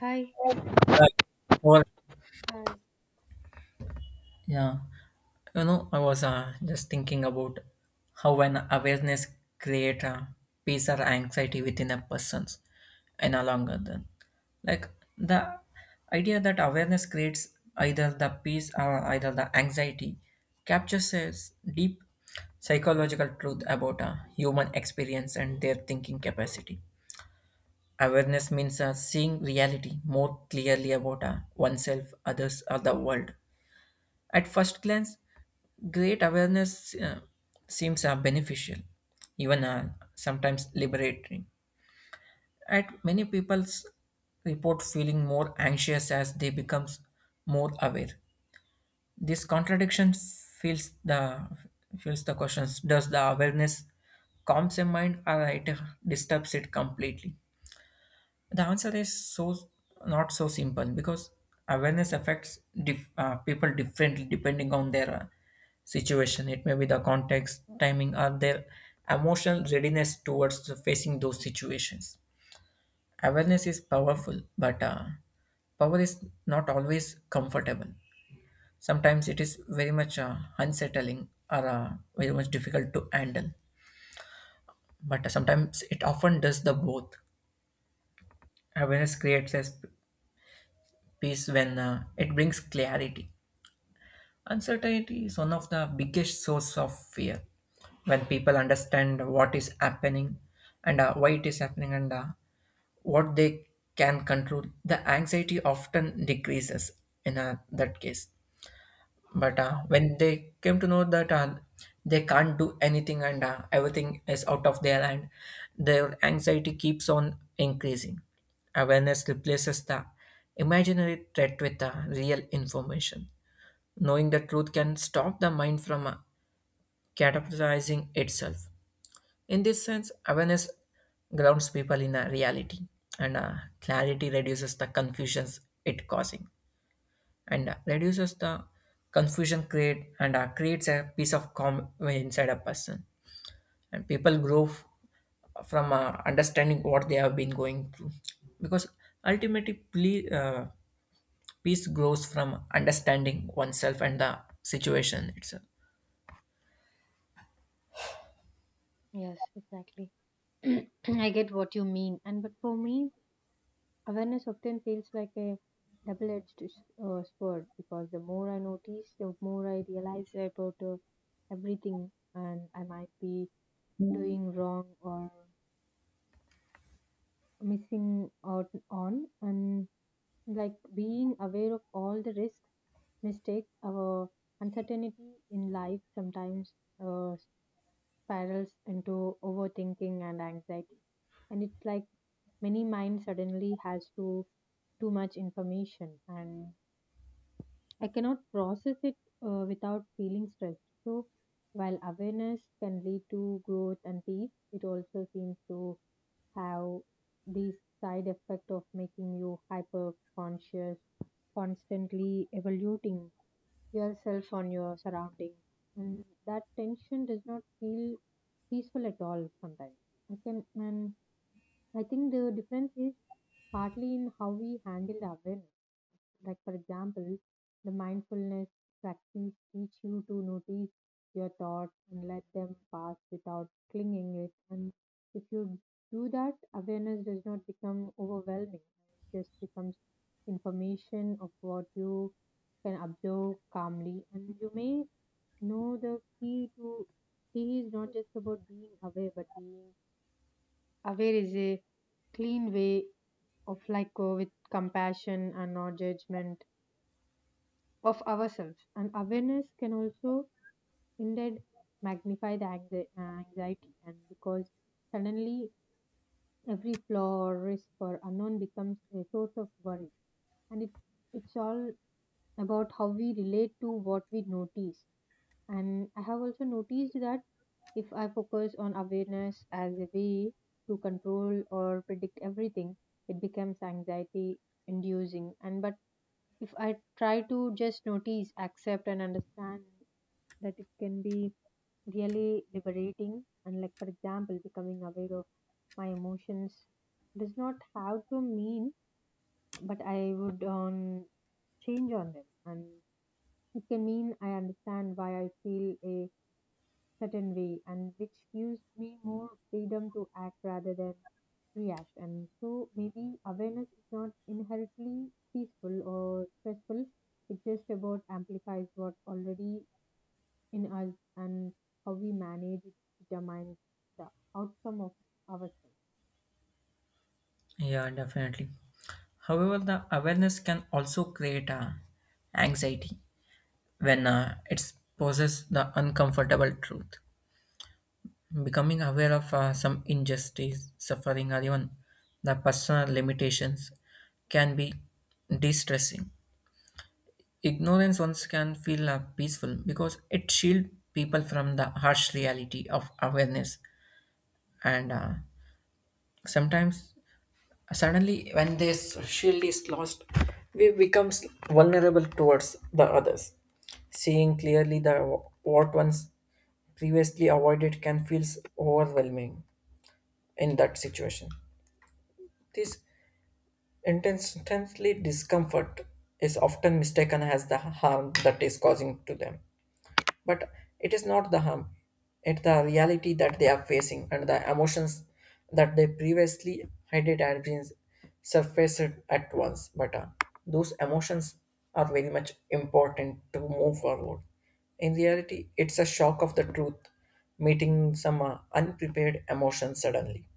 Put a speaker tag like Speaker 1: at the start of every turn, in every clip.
Speaker 1: Hi.
Speaker 2: Uh, well,
Speaker 1: Hi.
Speaker 2: yeah, you know, I was just thinking about how when awareness create peace or anxiety within a person's in a longer run. Like the idea that awareness creates either the peace or either the anxiety captures a deep psychological truth about human experience and their thinking capacity. Awareness means seeing reality more clearly about oneself, others, or the world. At first glance, great awareness seems beneficial, even sometimes liberating. At many people's report feeling more anxious as they becomes more aware. This contradiction feels the questions. Does the awareness calms a mind or it disturbs it completely? The answer is so not so simple because awareness affects people differently depending on their situation. It may be the context, timing, or their emotional readiness towards facing those situations. Awareness is powerful, but power is not always comfortable. Sometimes it is very much unsettling or very much difficult to handle. But sometimes it often does the both. Awareness creates a peace when it brings clarity. Uncertainty is one of the biggest source of fear. When people understand what is happening and why it is happening and what they can control, the anxiety often decreases in that case, but when they came to know that they can't do anything and everything is out of their hand, their anxiety keeps on increasing. Awareness replaces the imaginary threat with the real information. Knowing the truth can stop the mind from catastrophizing itself. In this sense, awareness grounds people in a reality, and clarity reduces the confusions it causing and reduces the confusion create and creates a piece of calm inside a person, and from understanding what they have been going through, because ultimately peace grows from understanding oneself and the situation itself.
Speaker 1: Yes, exactly. I get what you mean. And but for me, awareness often feels like a double-edged sword because the more I notice, the more I realize about everything and I might be doing wrong or missing out on. And like being aware of all the risks, mistakes, or uncertainty in life sometimes uh, spirals into overthinking and anxiety. And it's like many mind suddenly has to too much information and I cannot process it without feeling stressed. So while awareness can lead to growth and peace, it also seems to have this side effect of making you hyper conscious, constantly evaluating yourself on your surroundings. And that tension does not feel peaceful at all sometimes. I can and I think the difference is partly in how we handle the awareness. Like for example, the mindfulness practice teach you to notice your thoughts and let them pass without clinging it. And if you do that, awareness does not become overwhelming. It just becomes information of what you can observe calmly and you may no, the key is not just about being aware, but being aware is a clean way of like with compassion and not judgment of ourselves. And awareness can also indeed magnify the anxiety, and because suddenly every flaw or risk or unknown becomes a source of worry. And it's all about how we relate to what we notice. And I have also noticed that if I focus on awareness as a way to control or predict everything, it becomes anxiety inducing. And but if I try to just notice, accept, and understand that it can be really liberating. And like for example, becoming aware of my emotions does not have to mean, but I would change on them, and it can mean I understand why I feel a certain way and which gives me more freedom to act rather than react. And so maybe awareness is not inherently peaceful or stressful, it just about amplifies what already in us and how we manage it determines the outcome of ourselves.
Speaker 2: Yeah, definitely. However, the awareness can also create anxiety when it poses the uncomfortable truth. Becoming aware of some injustice, suffering, or even the personal limitations can be de stressing. Ignorance once can feel peaceful because it shields people from the harsh reality of awareness. And sometimes, suddenly, when this shield is lost, we becomes vulnerable towards the others. Seeing clearly the what one's previously avoided can feel overwhelming in that situation. This intensely discomfort is often mistaken as the harm that is causing to them. But it is not the harm, it's the reality that they are facing and the emotions that they previously hidden had been surfaced at once. But those emotions are very much important to move forward. In reality, it's a shock of the truth, meeting some unprepared emotions suddenly.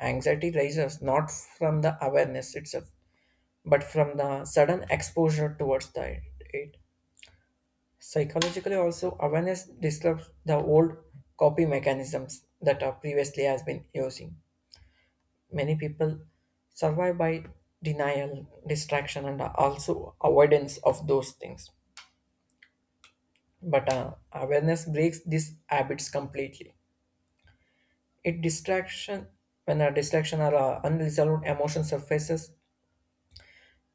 Speaker 2: Anxiety rises not from the awareness itself, but from the sudden exposure towards the it. Psychologically, also awareness disrupts the old copy mechanisms that are previously has been using. Many people survive by denial, distraction, and also avoidance of those things. But awareness breaks these habits completely. It distraction when a distraction or unresolved emotion surfaces.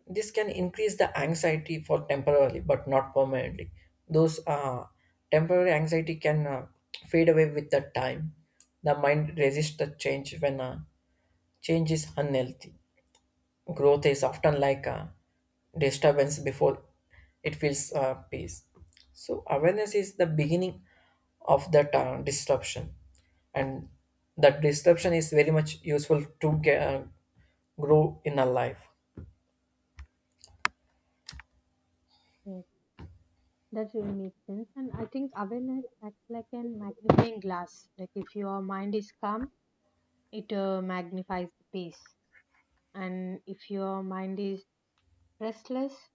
Speaker 2: This can increase the anxiety for temporarily, but not permanently. Those temporary anxiety can fade away with the time. The mind resists the change when change is unhealthy. Growth is often like a disturbance before it feels peace. So awareness is the beginning of that disruption, and that disruption is very much useful to grow in a life.
Speaker 1: Yes, that really makes sense. And I think awareness acts like an magnifying glass. Like if your mind is calm it magnifies the peace, and if your mind is restless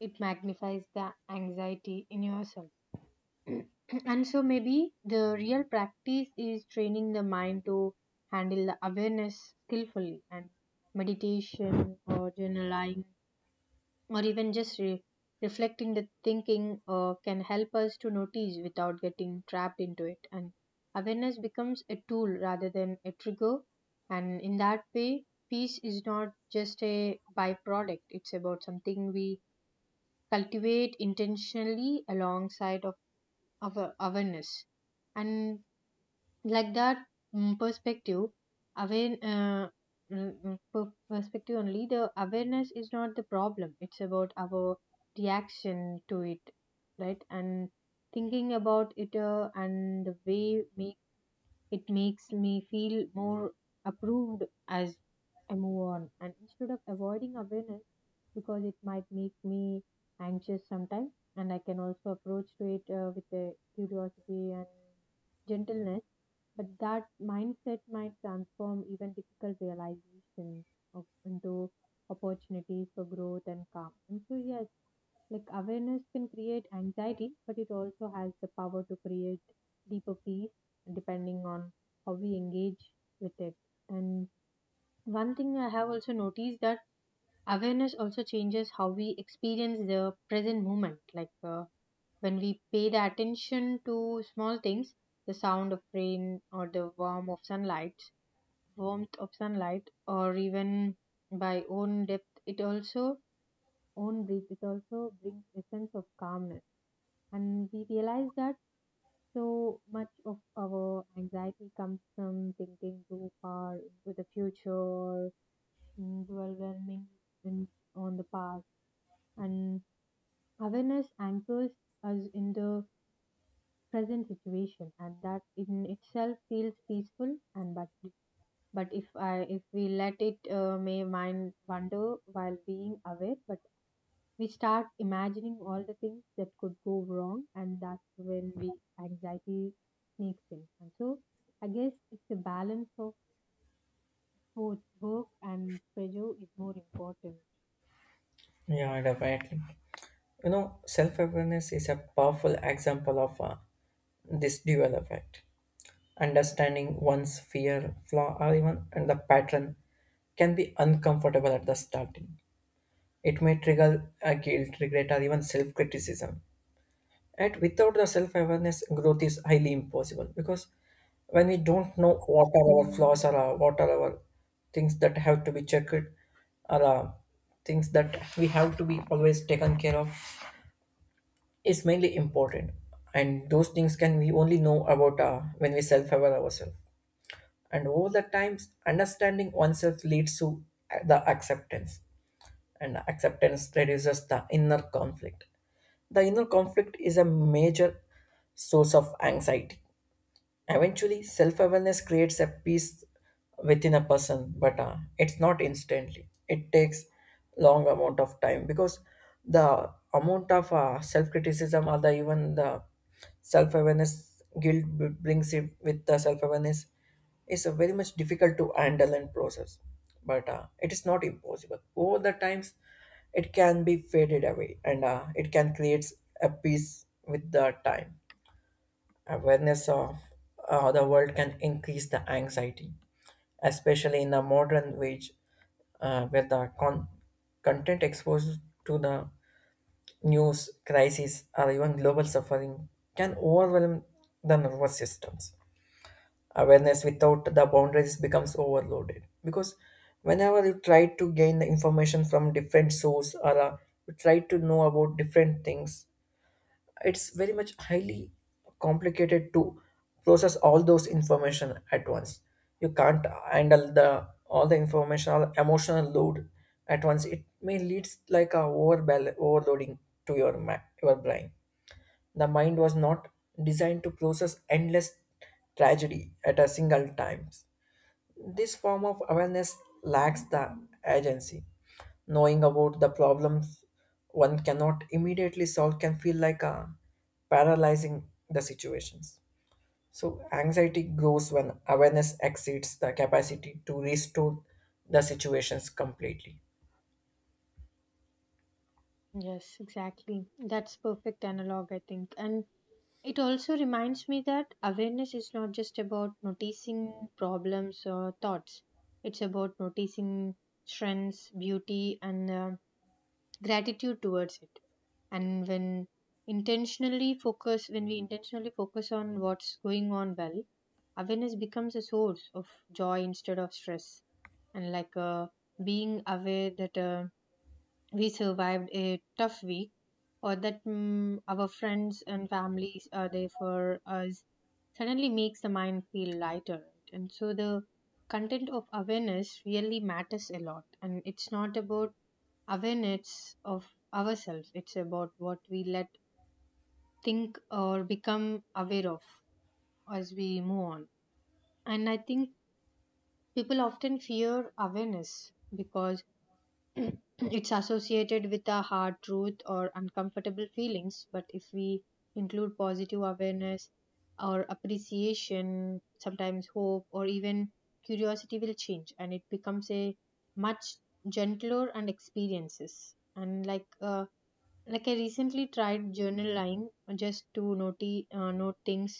Speaker 1: it magnifies the anxiety in yourself. And so maybe the real practice is training the mind to handle the awareness skillfully, and meditation or journaling or even just reflecting the thinking can help us to notice without getting trapped into it, and awareness becomes a tool rather than a trigger. And in that way peace is not just a byproduct, it's about something we cultivate intentionally alongside of our awareness. And like that perspective, aware perspective only, the awareness is not the problem, it's about our reaction to it, right? And thinking about it and the way make, it makes me feel more approved as I move on, and instead of avoiding awareness because it might make me anxious sometimes. And I can also approach to it with a curiosity and gentleness. But that mindset might transform even difficult realizations of, into opportunities for growth and calm. And so, yes, like awareness can create anxiety, but it also has the power to create deeper peace depending on how we engage with it. And one thing I have also noticed, that awareness also changes how we experience the present moment. Like when we pay the attention to small things, the sound of rain or the warmth of sunlight, warmth of sunlight, or even by own depth it also own breath it also brings a sense of calmness. And we realize that so much of our anxiety comes from thinking too far into the future or dwelling in on the past. And awareness anchors us in the present situation, and that in itself feels peaceful. And but if I if we let it, may mind wander while being aware. But we start imagining all the things that could go wrong, and that's when we anxiety sneaks in. And so I guess it's a balance of both work and pleasure is more important.
Speaker 2: Yeah, definitely. You know, self awareness is a powerful example of this dual effect. Understanding one's fear, flaw, or even and the pattern can be uncomfortable at the starting. It may trigger a guilt, regret, or even self criticism. And without the self awareness, growth is highly impossible because when we don't know what are our flaws or what are our things that have to be checked or uh, things that we have to be always taken care of is mainly important, and those things can we only know about when we self-aware ourselves, and over the times understanding oneself leads to the acceptance, and acceptance reduces the inner conflict. The inner conflict is a major source of anxiety. Eventually, self awareness creates a peace within a person, but it's not instantly. It takes long amount of time because the amount of self criticism or the even the self awareness guilt brings it with the self awareness is very much difficult to handle and process. But it is not impossible. Over the times, it can be faded away, and it can create a peace with the time. Awareness of the world can increase the anxiety, especially in the modern age where the content exposed to the news, crisis, or even global suffering can overwhelm the nervous systems. Awareness without the boundaries becomes overloaded because whenever you try to gain the information from different source or you try to know about different things, it's very much highly complicated to process all those information at once. You can't handle the all the informational emotional load at once. It may leads like a overloading to your brain. The mind was not designed to process endless tragedy at a single time. This form of awareness lacks the agency. Knowing about the problems one cannot immediately solve can feel like a paralyzing the situations. So anxiety grows when awareness exceeds the capacity to restore the situations completely.
Speaker 1: Yes, exactly. That's perfect analog, I think. And it also reminds me that awareness is not just about noticing problems or thoughts, it's about noticing strengths, beauty, and gratitude towards it. And when intentionally focus when we intentionally focus on what's going on well, awareness becomes a source of joy instead of stress. And like being aware that we survived a tough week, or that our friends and families are there for us, suddenly makes the mind feel lighter, right? And so the content of awareness really matters a lot. And it's not about awareness of ourselves, it's about what we let think or become aware of as we move on. And I think people often fear awareness because it's associated with a hard truth or uncomfortable feelings. But if we include positive awareness or appreciation, sometimes hope or even curiosity will change, and it becomes a much gentler and experiences. And like like I recently tried journaling just to note things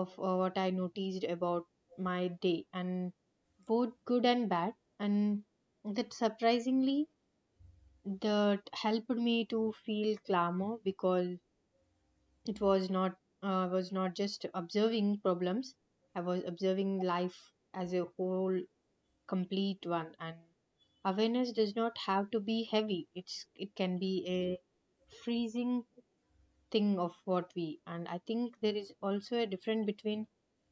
Speaker 1: of what I noticed about my day, and both good and bad. And that surprisingly that helped me to feel calmer because it was not I was not just observing problems, I was observing life as a whole complete one. And awareness does not have to be heavy, it's it can be a freezing thing of what we. And I think there is also a difference between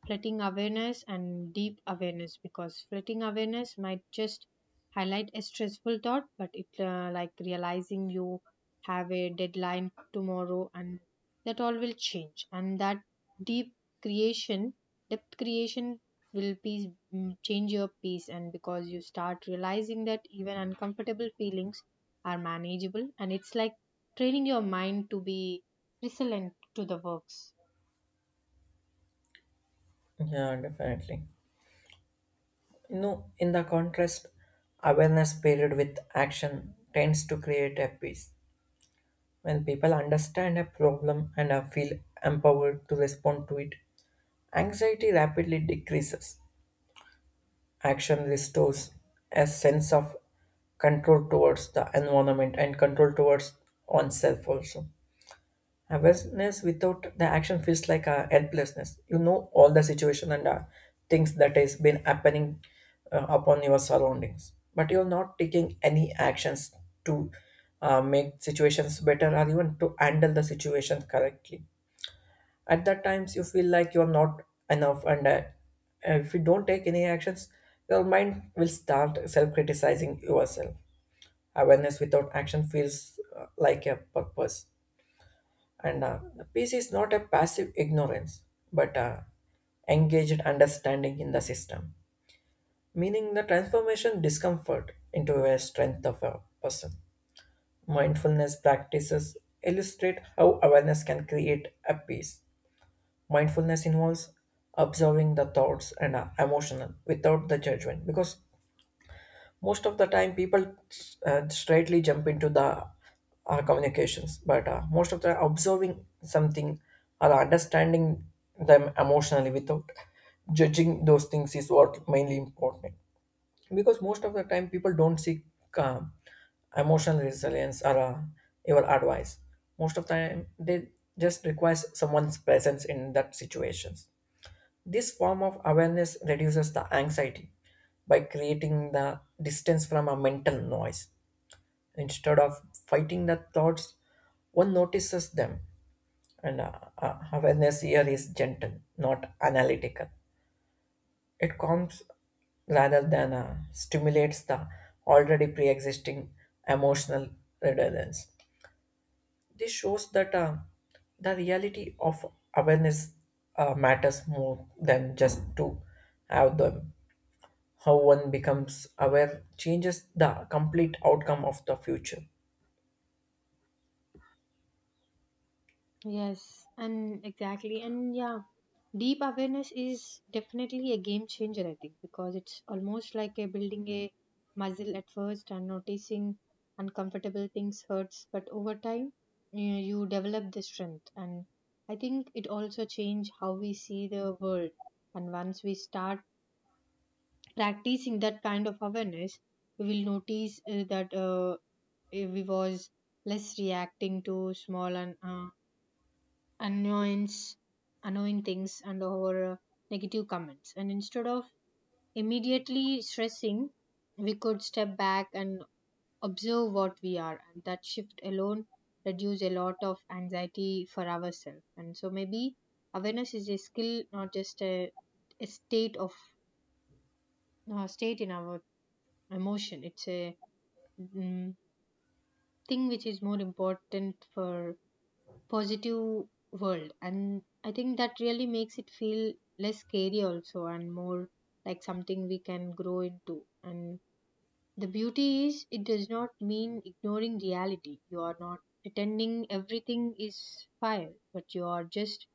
Speaker 1: flooding awareness and deep awareness, because flooding awareness might just highlight a stressful thought, but it like realizing you have a deadline tomorrow and that all will change. And that deep creation depth creation will peace change your peace. And because you start realizing that even uncomfortable feelings are manageable, and it's like training your mind to be resilient to the works.
Speaker 2: Yeah, definitely. You know, in the contrast, awareness paired with action tends to create a peace. When people understand a problem and are feel empowered to respond to it, anxiety rapidly decreases. Action restores a sense of control towards the environment and control towards oneself also. Awareness without the action feels like a helplessness. You know all the situation and things that has been happening upon your surroundings, but you're not taking any actions to make situations better or even to handle the situation correctly. At that times, you feel like you're not enough, and if you don't take any actions, your mind will start self-criticizing yourself. Awareness without action feels like a purpose. And the peace is not a passive ignorance, but engaged understanding in the system, meaning the transformation discomfort into a strength of a person. Mindfulness practices illustrate how awareness can create a peace. Mindfulness involves observing the thoughts and emotional without the judgment because most of the time people straightly jump into the communications, but most of the observing something or understanding them emotionally without judging those things is what mainly important, because most of the time people don't seek uh, emotional resilience or your advice. Most of the time they just requires someone's presence in that situations. This form of awareness reduces the anxiety by creating the distance from a mental noise. Instead of fighting the thoughts, one notices them. And awareness here is gentle, not analytical. It calms rather than stimulates the already pre existing emotional redundancy. This shows that the reality of awareness matters more than just to have them. How one becomes aware changes the complete outcome of the future.
Speaker 1: Yes, and exactly. And yeah, deep awareness is definitely a game changer, I think, because it's almost like a building a muscle at first, and noticing uncomfortable things hurts, but over time, you develop the strength. And I think it also change how we see the world. And once we start practicing that kind of awareness, we will notice that we was less reacting to small and annoyance annoying things and our negative comments. And instead of immediately stressing, we could step back and observe what we are, and that shift alone reduce a lot of anxiety for ourselves. And so maybe awareness is a skill, not just a state of a state in our emotion, it's a mm, thing which is more important for positive world. And I think that really makes it feel less scary also and more like something we can grow into. And the beauty is it does not mean ignoring reality, you are not pretending everything is fire, but you are just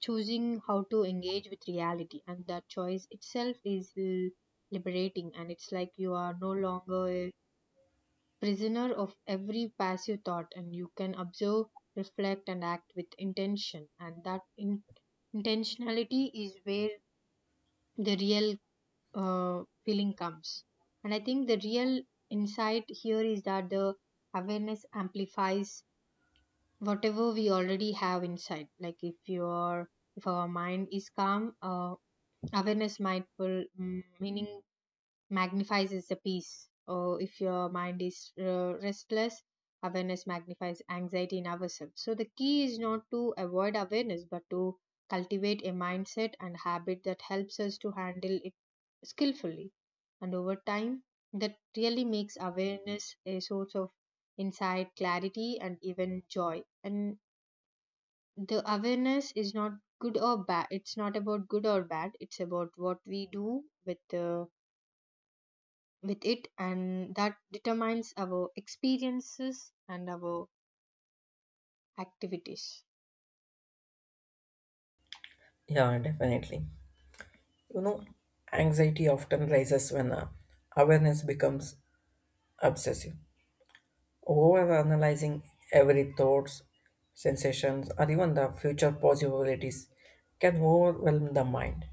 Speaker 1: choosing how to engage with reality, and that choice itself is liberating. And it's like you are no longer a prisoner of every passive thought, and you can observe, reflect and act with intention, and that intentionality is where the real feeling comes. And I think the real insight here is that the awareness amplifies whatever we already have inside. Like if your if our mind is calm, awareness might pull mm, meaning magnifies is the peace. Or if your mind is restless, awareness magnifies anxiety in ourselves. So the key is not to avoid awareness, but to cultivate a mindset and habit that helps us to handle it skillfully. And over time, that really makes awareness a source of insight, clarity, and even joy. And the awareness is not good or bad. It's not about good or bad. It's about what we do with the with it, and that determines our experiences and our activities.
Speaker 2: Yeah, definitely. You know, anxiety often rises when awareness becomes obsessive. Overanalyzing every thoughts, sensations, or even the future possibilities can overwhelm the mind.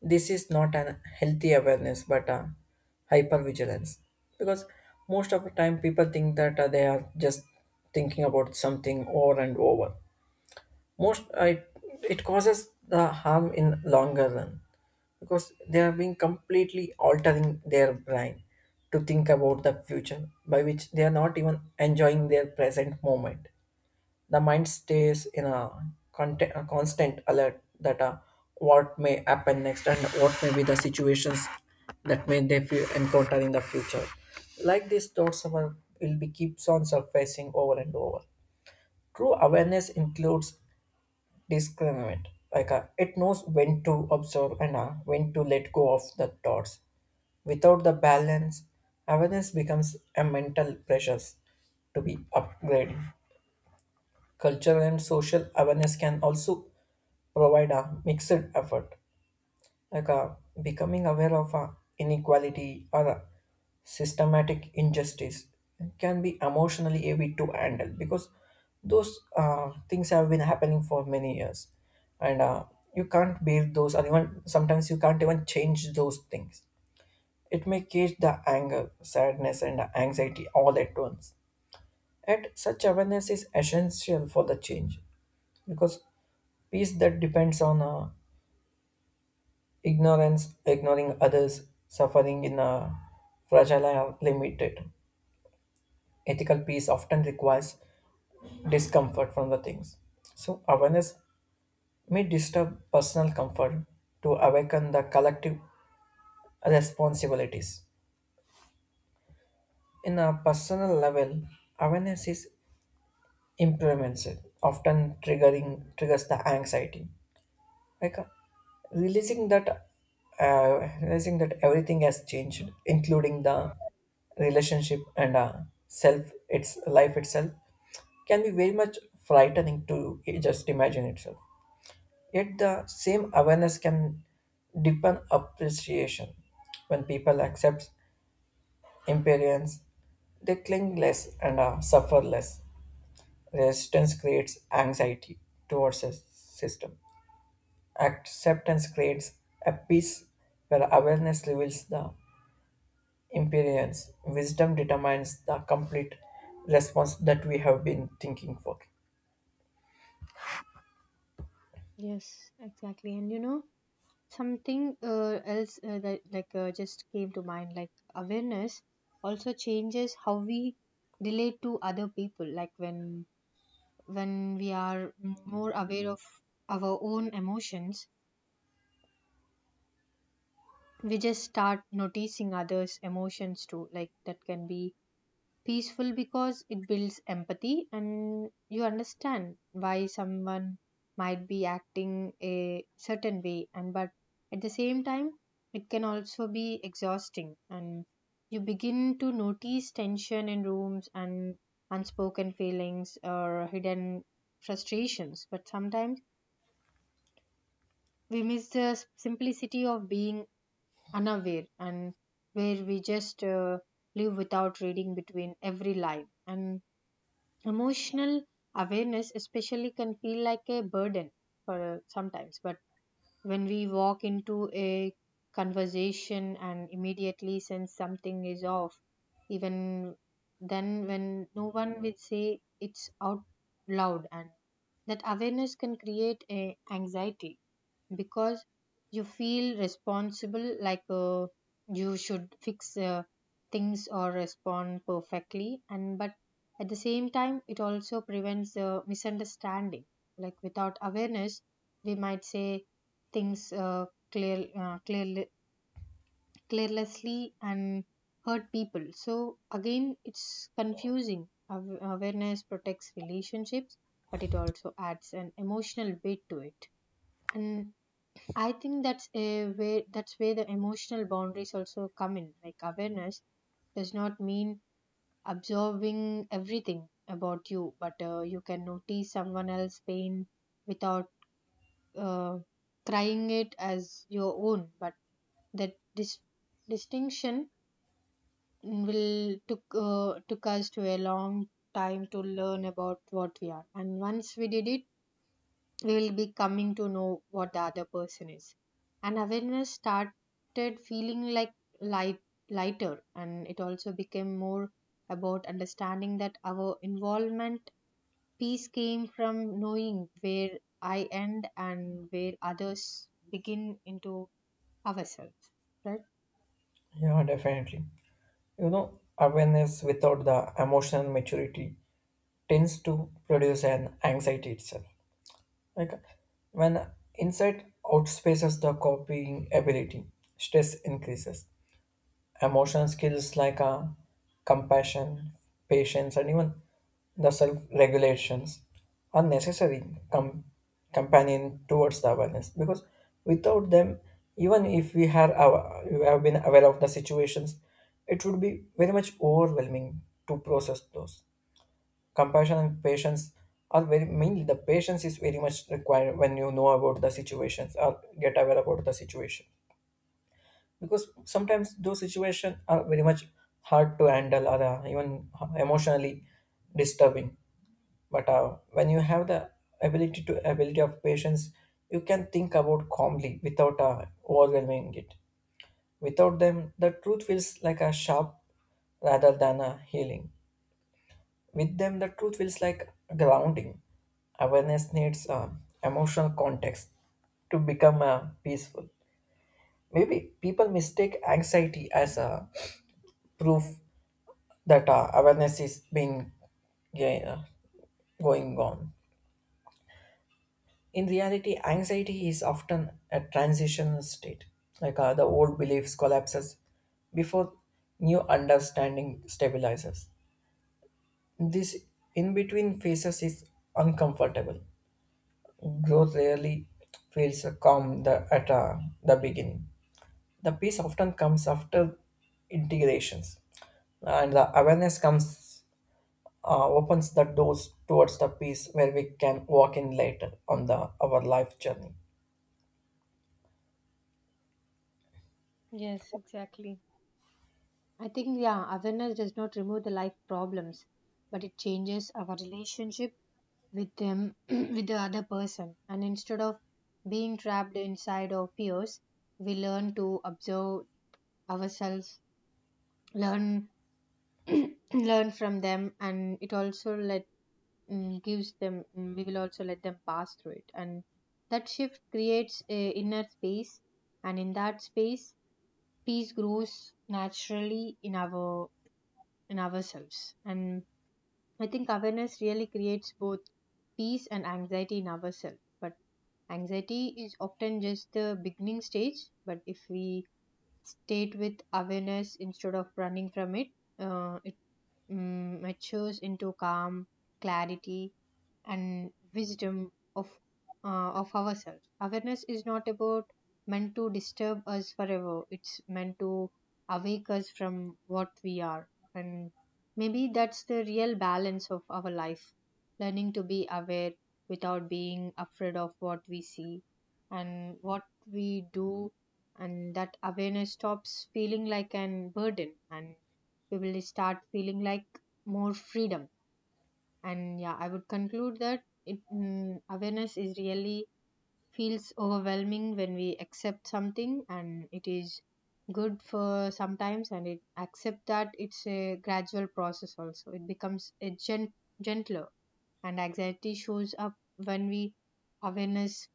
Speaker 2: This is not an healthy awareness, but a hypervigilance. Because most of the time, people think that they are just thinking about something over and over most I, it causes the harm in longer run because they are being completely altering their brain to think about the future by which they are not even enjoying their present moment. The mind stays in a, a constant alert that what may happen next and what may be the situations that may they encounter in the future, like these thoughts will be keeps on surfacing over and over. True awareness includes discriminate. Like it knows when to observe and when to let go of the thoughts. Without the balance, awareness becomes a mental pressures to be upgraded. Cultural and social awareness can also provide a mixed effort, like becoming aware of inequality or systematic injustice can be emotionally heavy to handle, because those things have been happening for many years, and you can't build those or even sometimes you can't even change those things. It may cage the anger sadness and anxiety all at once, and such awareness is essential for the change, because peace that depends on Ignorance, ignoring others, suffering in a fragile and limited. Ethical peace often requires discomfort from the things. So awareness may disturb personal comfort to awaken the collective responsibilities. In a personal level, awareness is implemented, often triggering triggers the anxiety, like realizing that realizing that everything has changed including the relationship and self its life itself can be very much frightening to just imagine itself. Yet the same awareness can deepen appreciation when people accept impermanence. They cling less and suffer less. Resistance creates anxiety towards a system. Acceptance creates a peace where awareness reveals the imperience. Wisdom determines the complete response that we have been thinking for.
Speaker 1: Yes, exactly. And you know, something else that like just came to mind, like awareness also changes how we relate to other people. Like when we are more aware of our own emotions, we just start noticing others emotions too. Like that can be peaceful because it builds empathy and you understand why someone might be acting a certain way. And but at the same time it can also be exhausting, and you begin to notice tension in rooms and unspoken feelings or hidden frustrations. But sometimes we miss the simplicity of being unaware, and where we just live without reading between every line. And emotional awareness especially can feel like a burden for sometimes. But when we walk into a conversation and immediately sense something is off, even then, when no one will say it's out loud, and that awareness can create a anxiety because you feel responsible. Like you should fix things or respond perfectly. And but at the same time it also prevents misunderstanding. Like without awareness we might say things clearly carelessly and hurt people. So again it's confusing. Awareness protects relationships, but it also adds an emotional weight to it. And I think that's a way, that's where the emotional boundaries also come in. Like awareness does not mean absorbing everything about you, but you can notice someone else's pain without uh, crying it as your own. But that distinction will took us to a long time to learn about what we are, and once we did it, we will be coming to know what the other person is. And awareness started feeling like light lighter, and it also became more about understanding that our involvement peace came from knowing where I end and where others begin into ourselves, right?
Speaker 2: Yeah, definitely. You know, awareness without the emotional maturity tends to produce an anxiety itself. Like when insight outspaces the copying ability, stress increases. Emotional skills like compassion, patience, and even the self regulations are necessary com- companion towards the awareness, because without them, even if we have been aware of the situations, it would be very much overwhelming to process those. Compassion and patience are very mainly the patience is very much required when you know about the situations or get aware about the situation, because sometimes those situations are very much hard to handle or even emotionally disturbing. But when you have the ability of patience, you can think about calmly without overwhelming it. Without them the truth feels like a sharp rather than a healing. With them the truth feels like grounding. Awareness needs emotional context to become peaceful. Maybe people mistake anxiety as a proof that awareness is being, yeah, going on. In reality, anxiety is often a transitional state, like the old beliefs collapses before new understanding stabilizes. This in between phases is uncomfortable. Growth rarely feels calm at the beginning. The peace often comes after integrations, and the awareness comes opens the doors towards the peace where we can walk in later on the our life journey.
Speaker 1: Yes, exactly. I think yeah, awareness does not remove the life problems, but it changes our relationship with them. With the other person. And instead of being trapped inside our fears, we learn to observe ourselves, learn, learn from them. And it also let gives them we will also let them pass through it. And that shift creates a inner space, and in that space peace grows naturally in our in ourselves. And I think awareness really creates both peace and anxiety in ourselves. But anxiety is often just the beginning stage, but if we state with awareness instead of running from it, it matures into calm, clarity, and wisdom of of ourselves. Awareness is not about meant to disturb us forever, it's meant to awake us from what we are. And maybe that's the real balance of our life, learning to be aware without being afraid of what we see and what we do. And that awareness stops feeling like an burden, and we will start feeling like more freedom. And yeah, I would conclude that it awareness is really feels overwhelming when we accept something, and it is good for sometimes, and it accept that it's a gradual process also, it becomes a gentler. And anxiety shows up when we awareness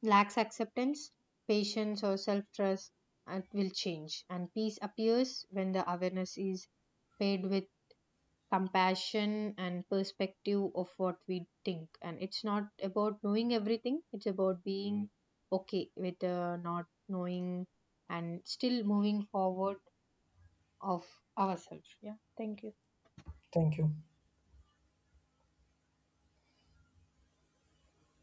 Speaker 1: lacks acceptance, patience or self trust, and will change. And peace appears when the awareness is paid with compassion and perspective of what we think. And it's not about knowing everything, it's about being okay with not knowing and still moving forward of ourselves. Yeah, thank you.
Speaker 2: Thank you.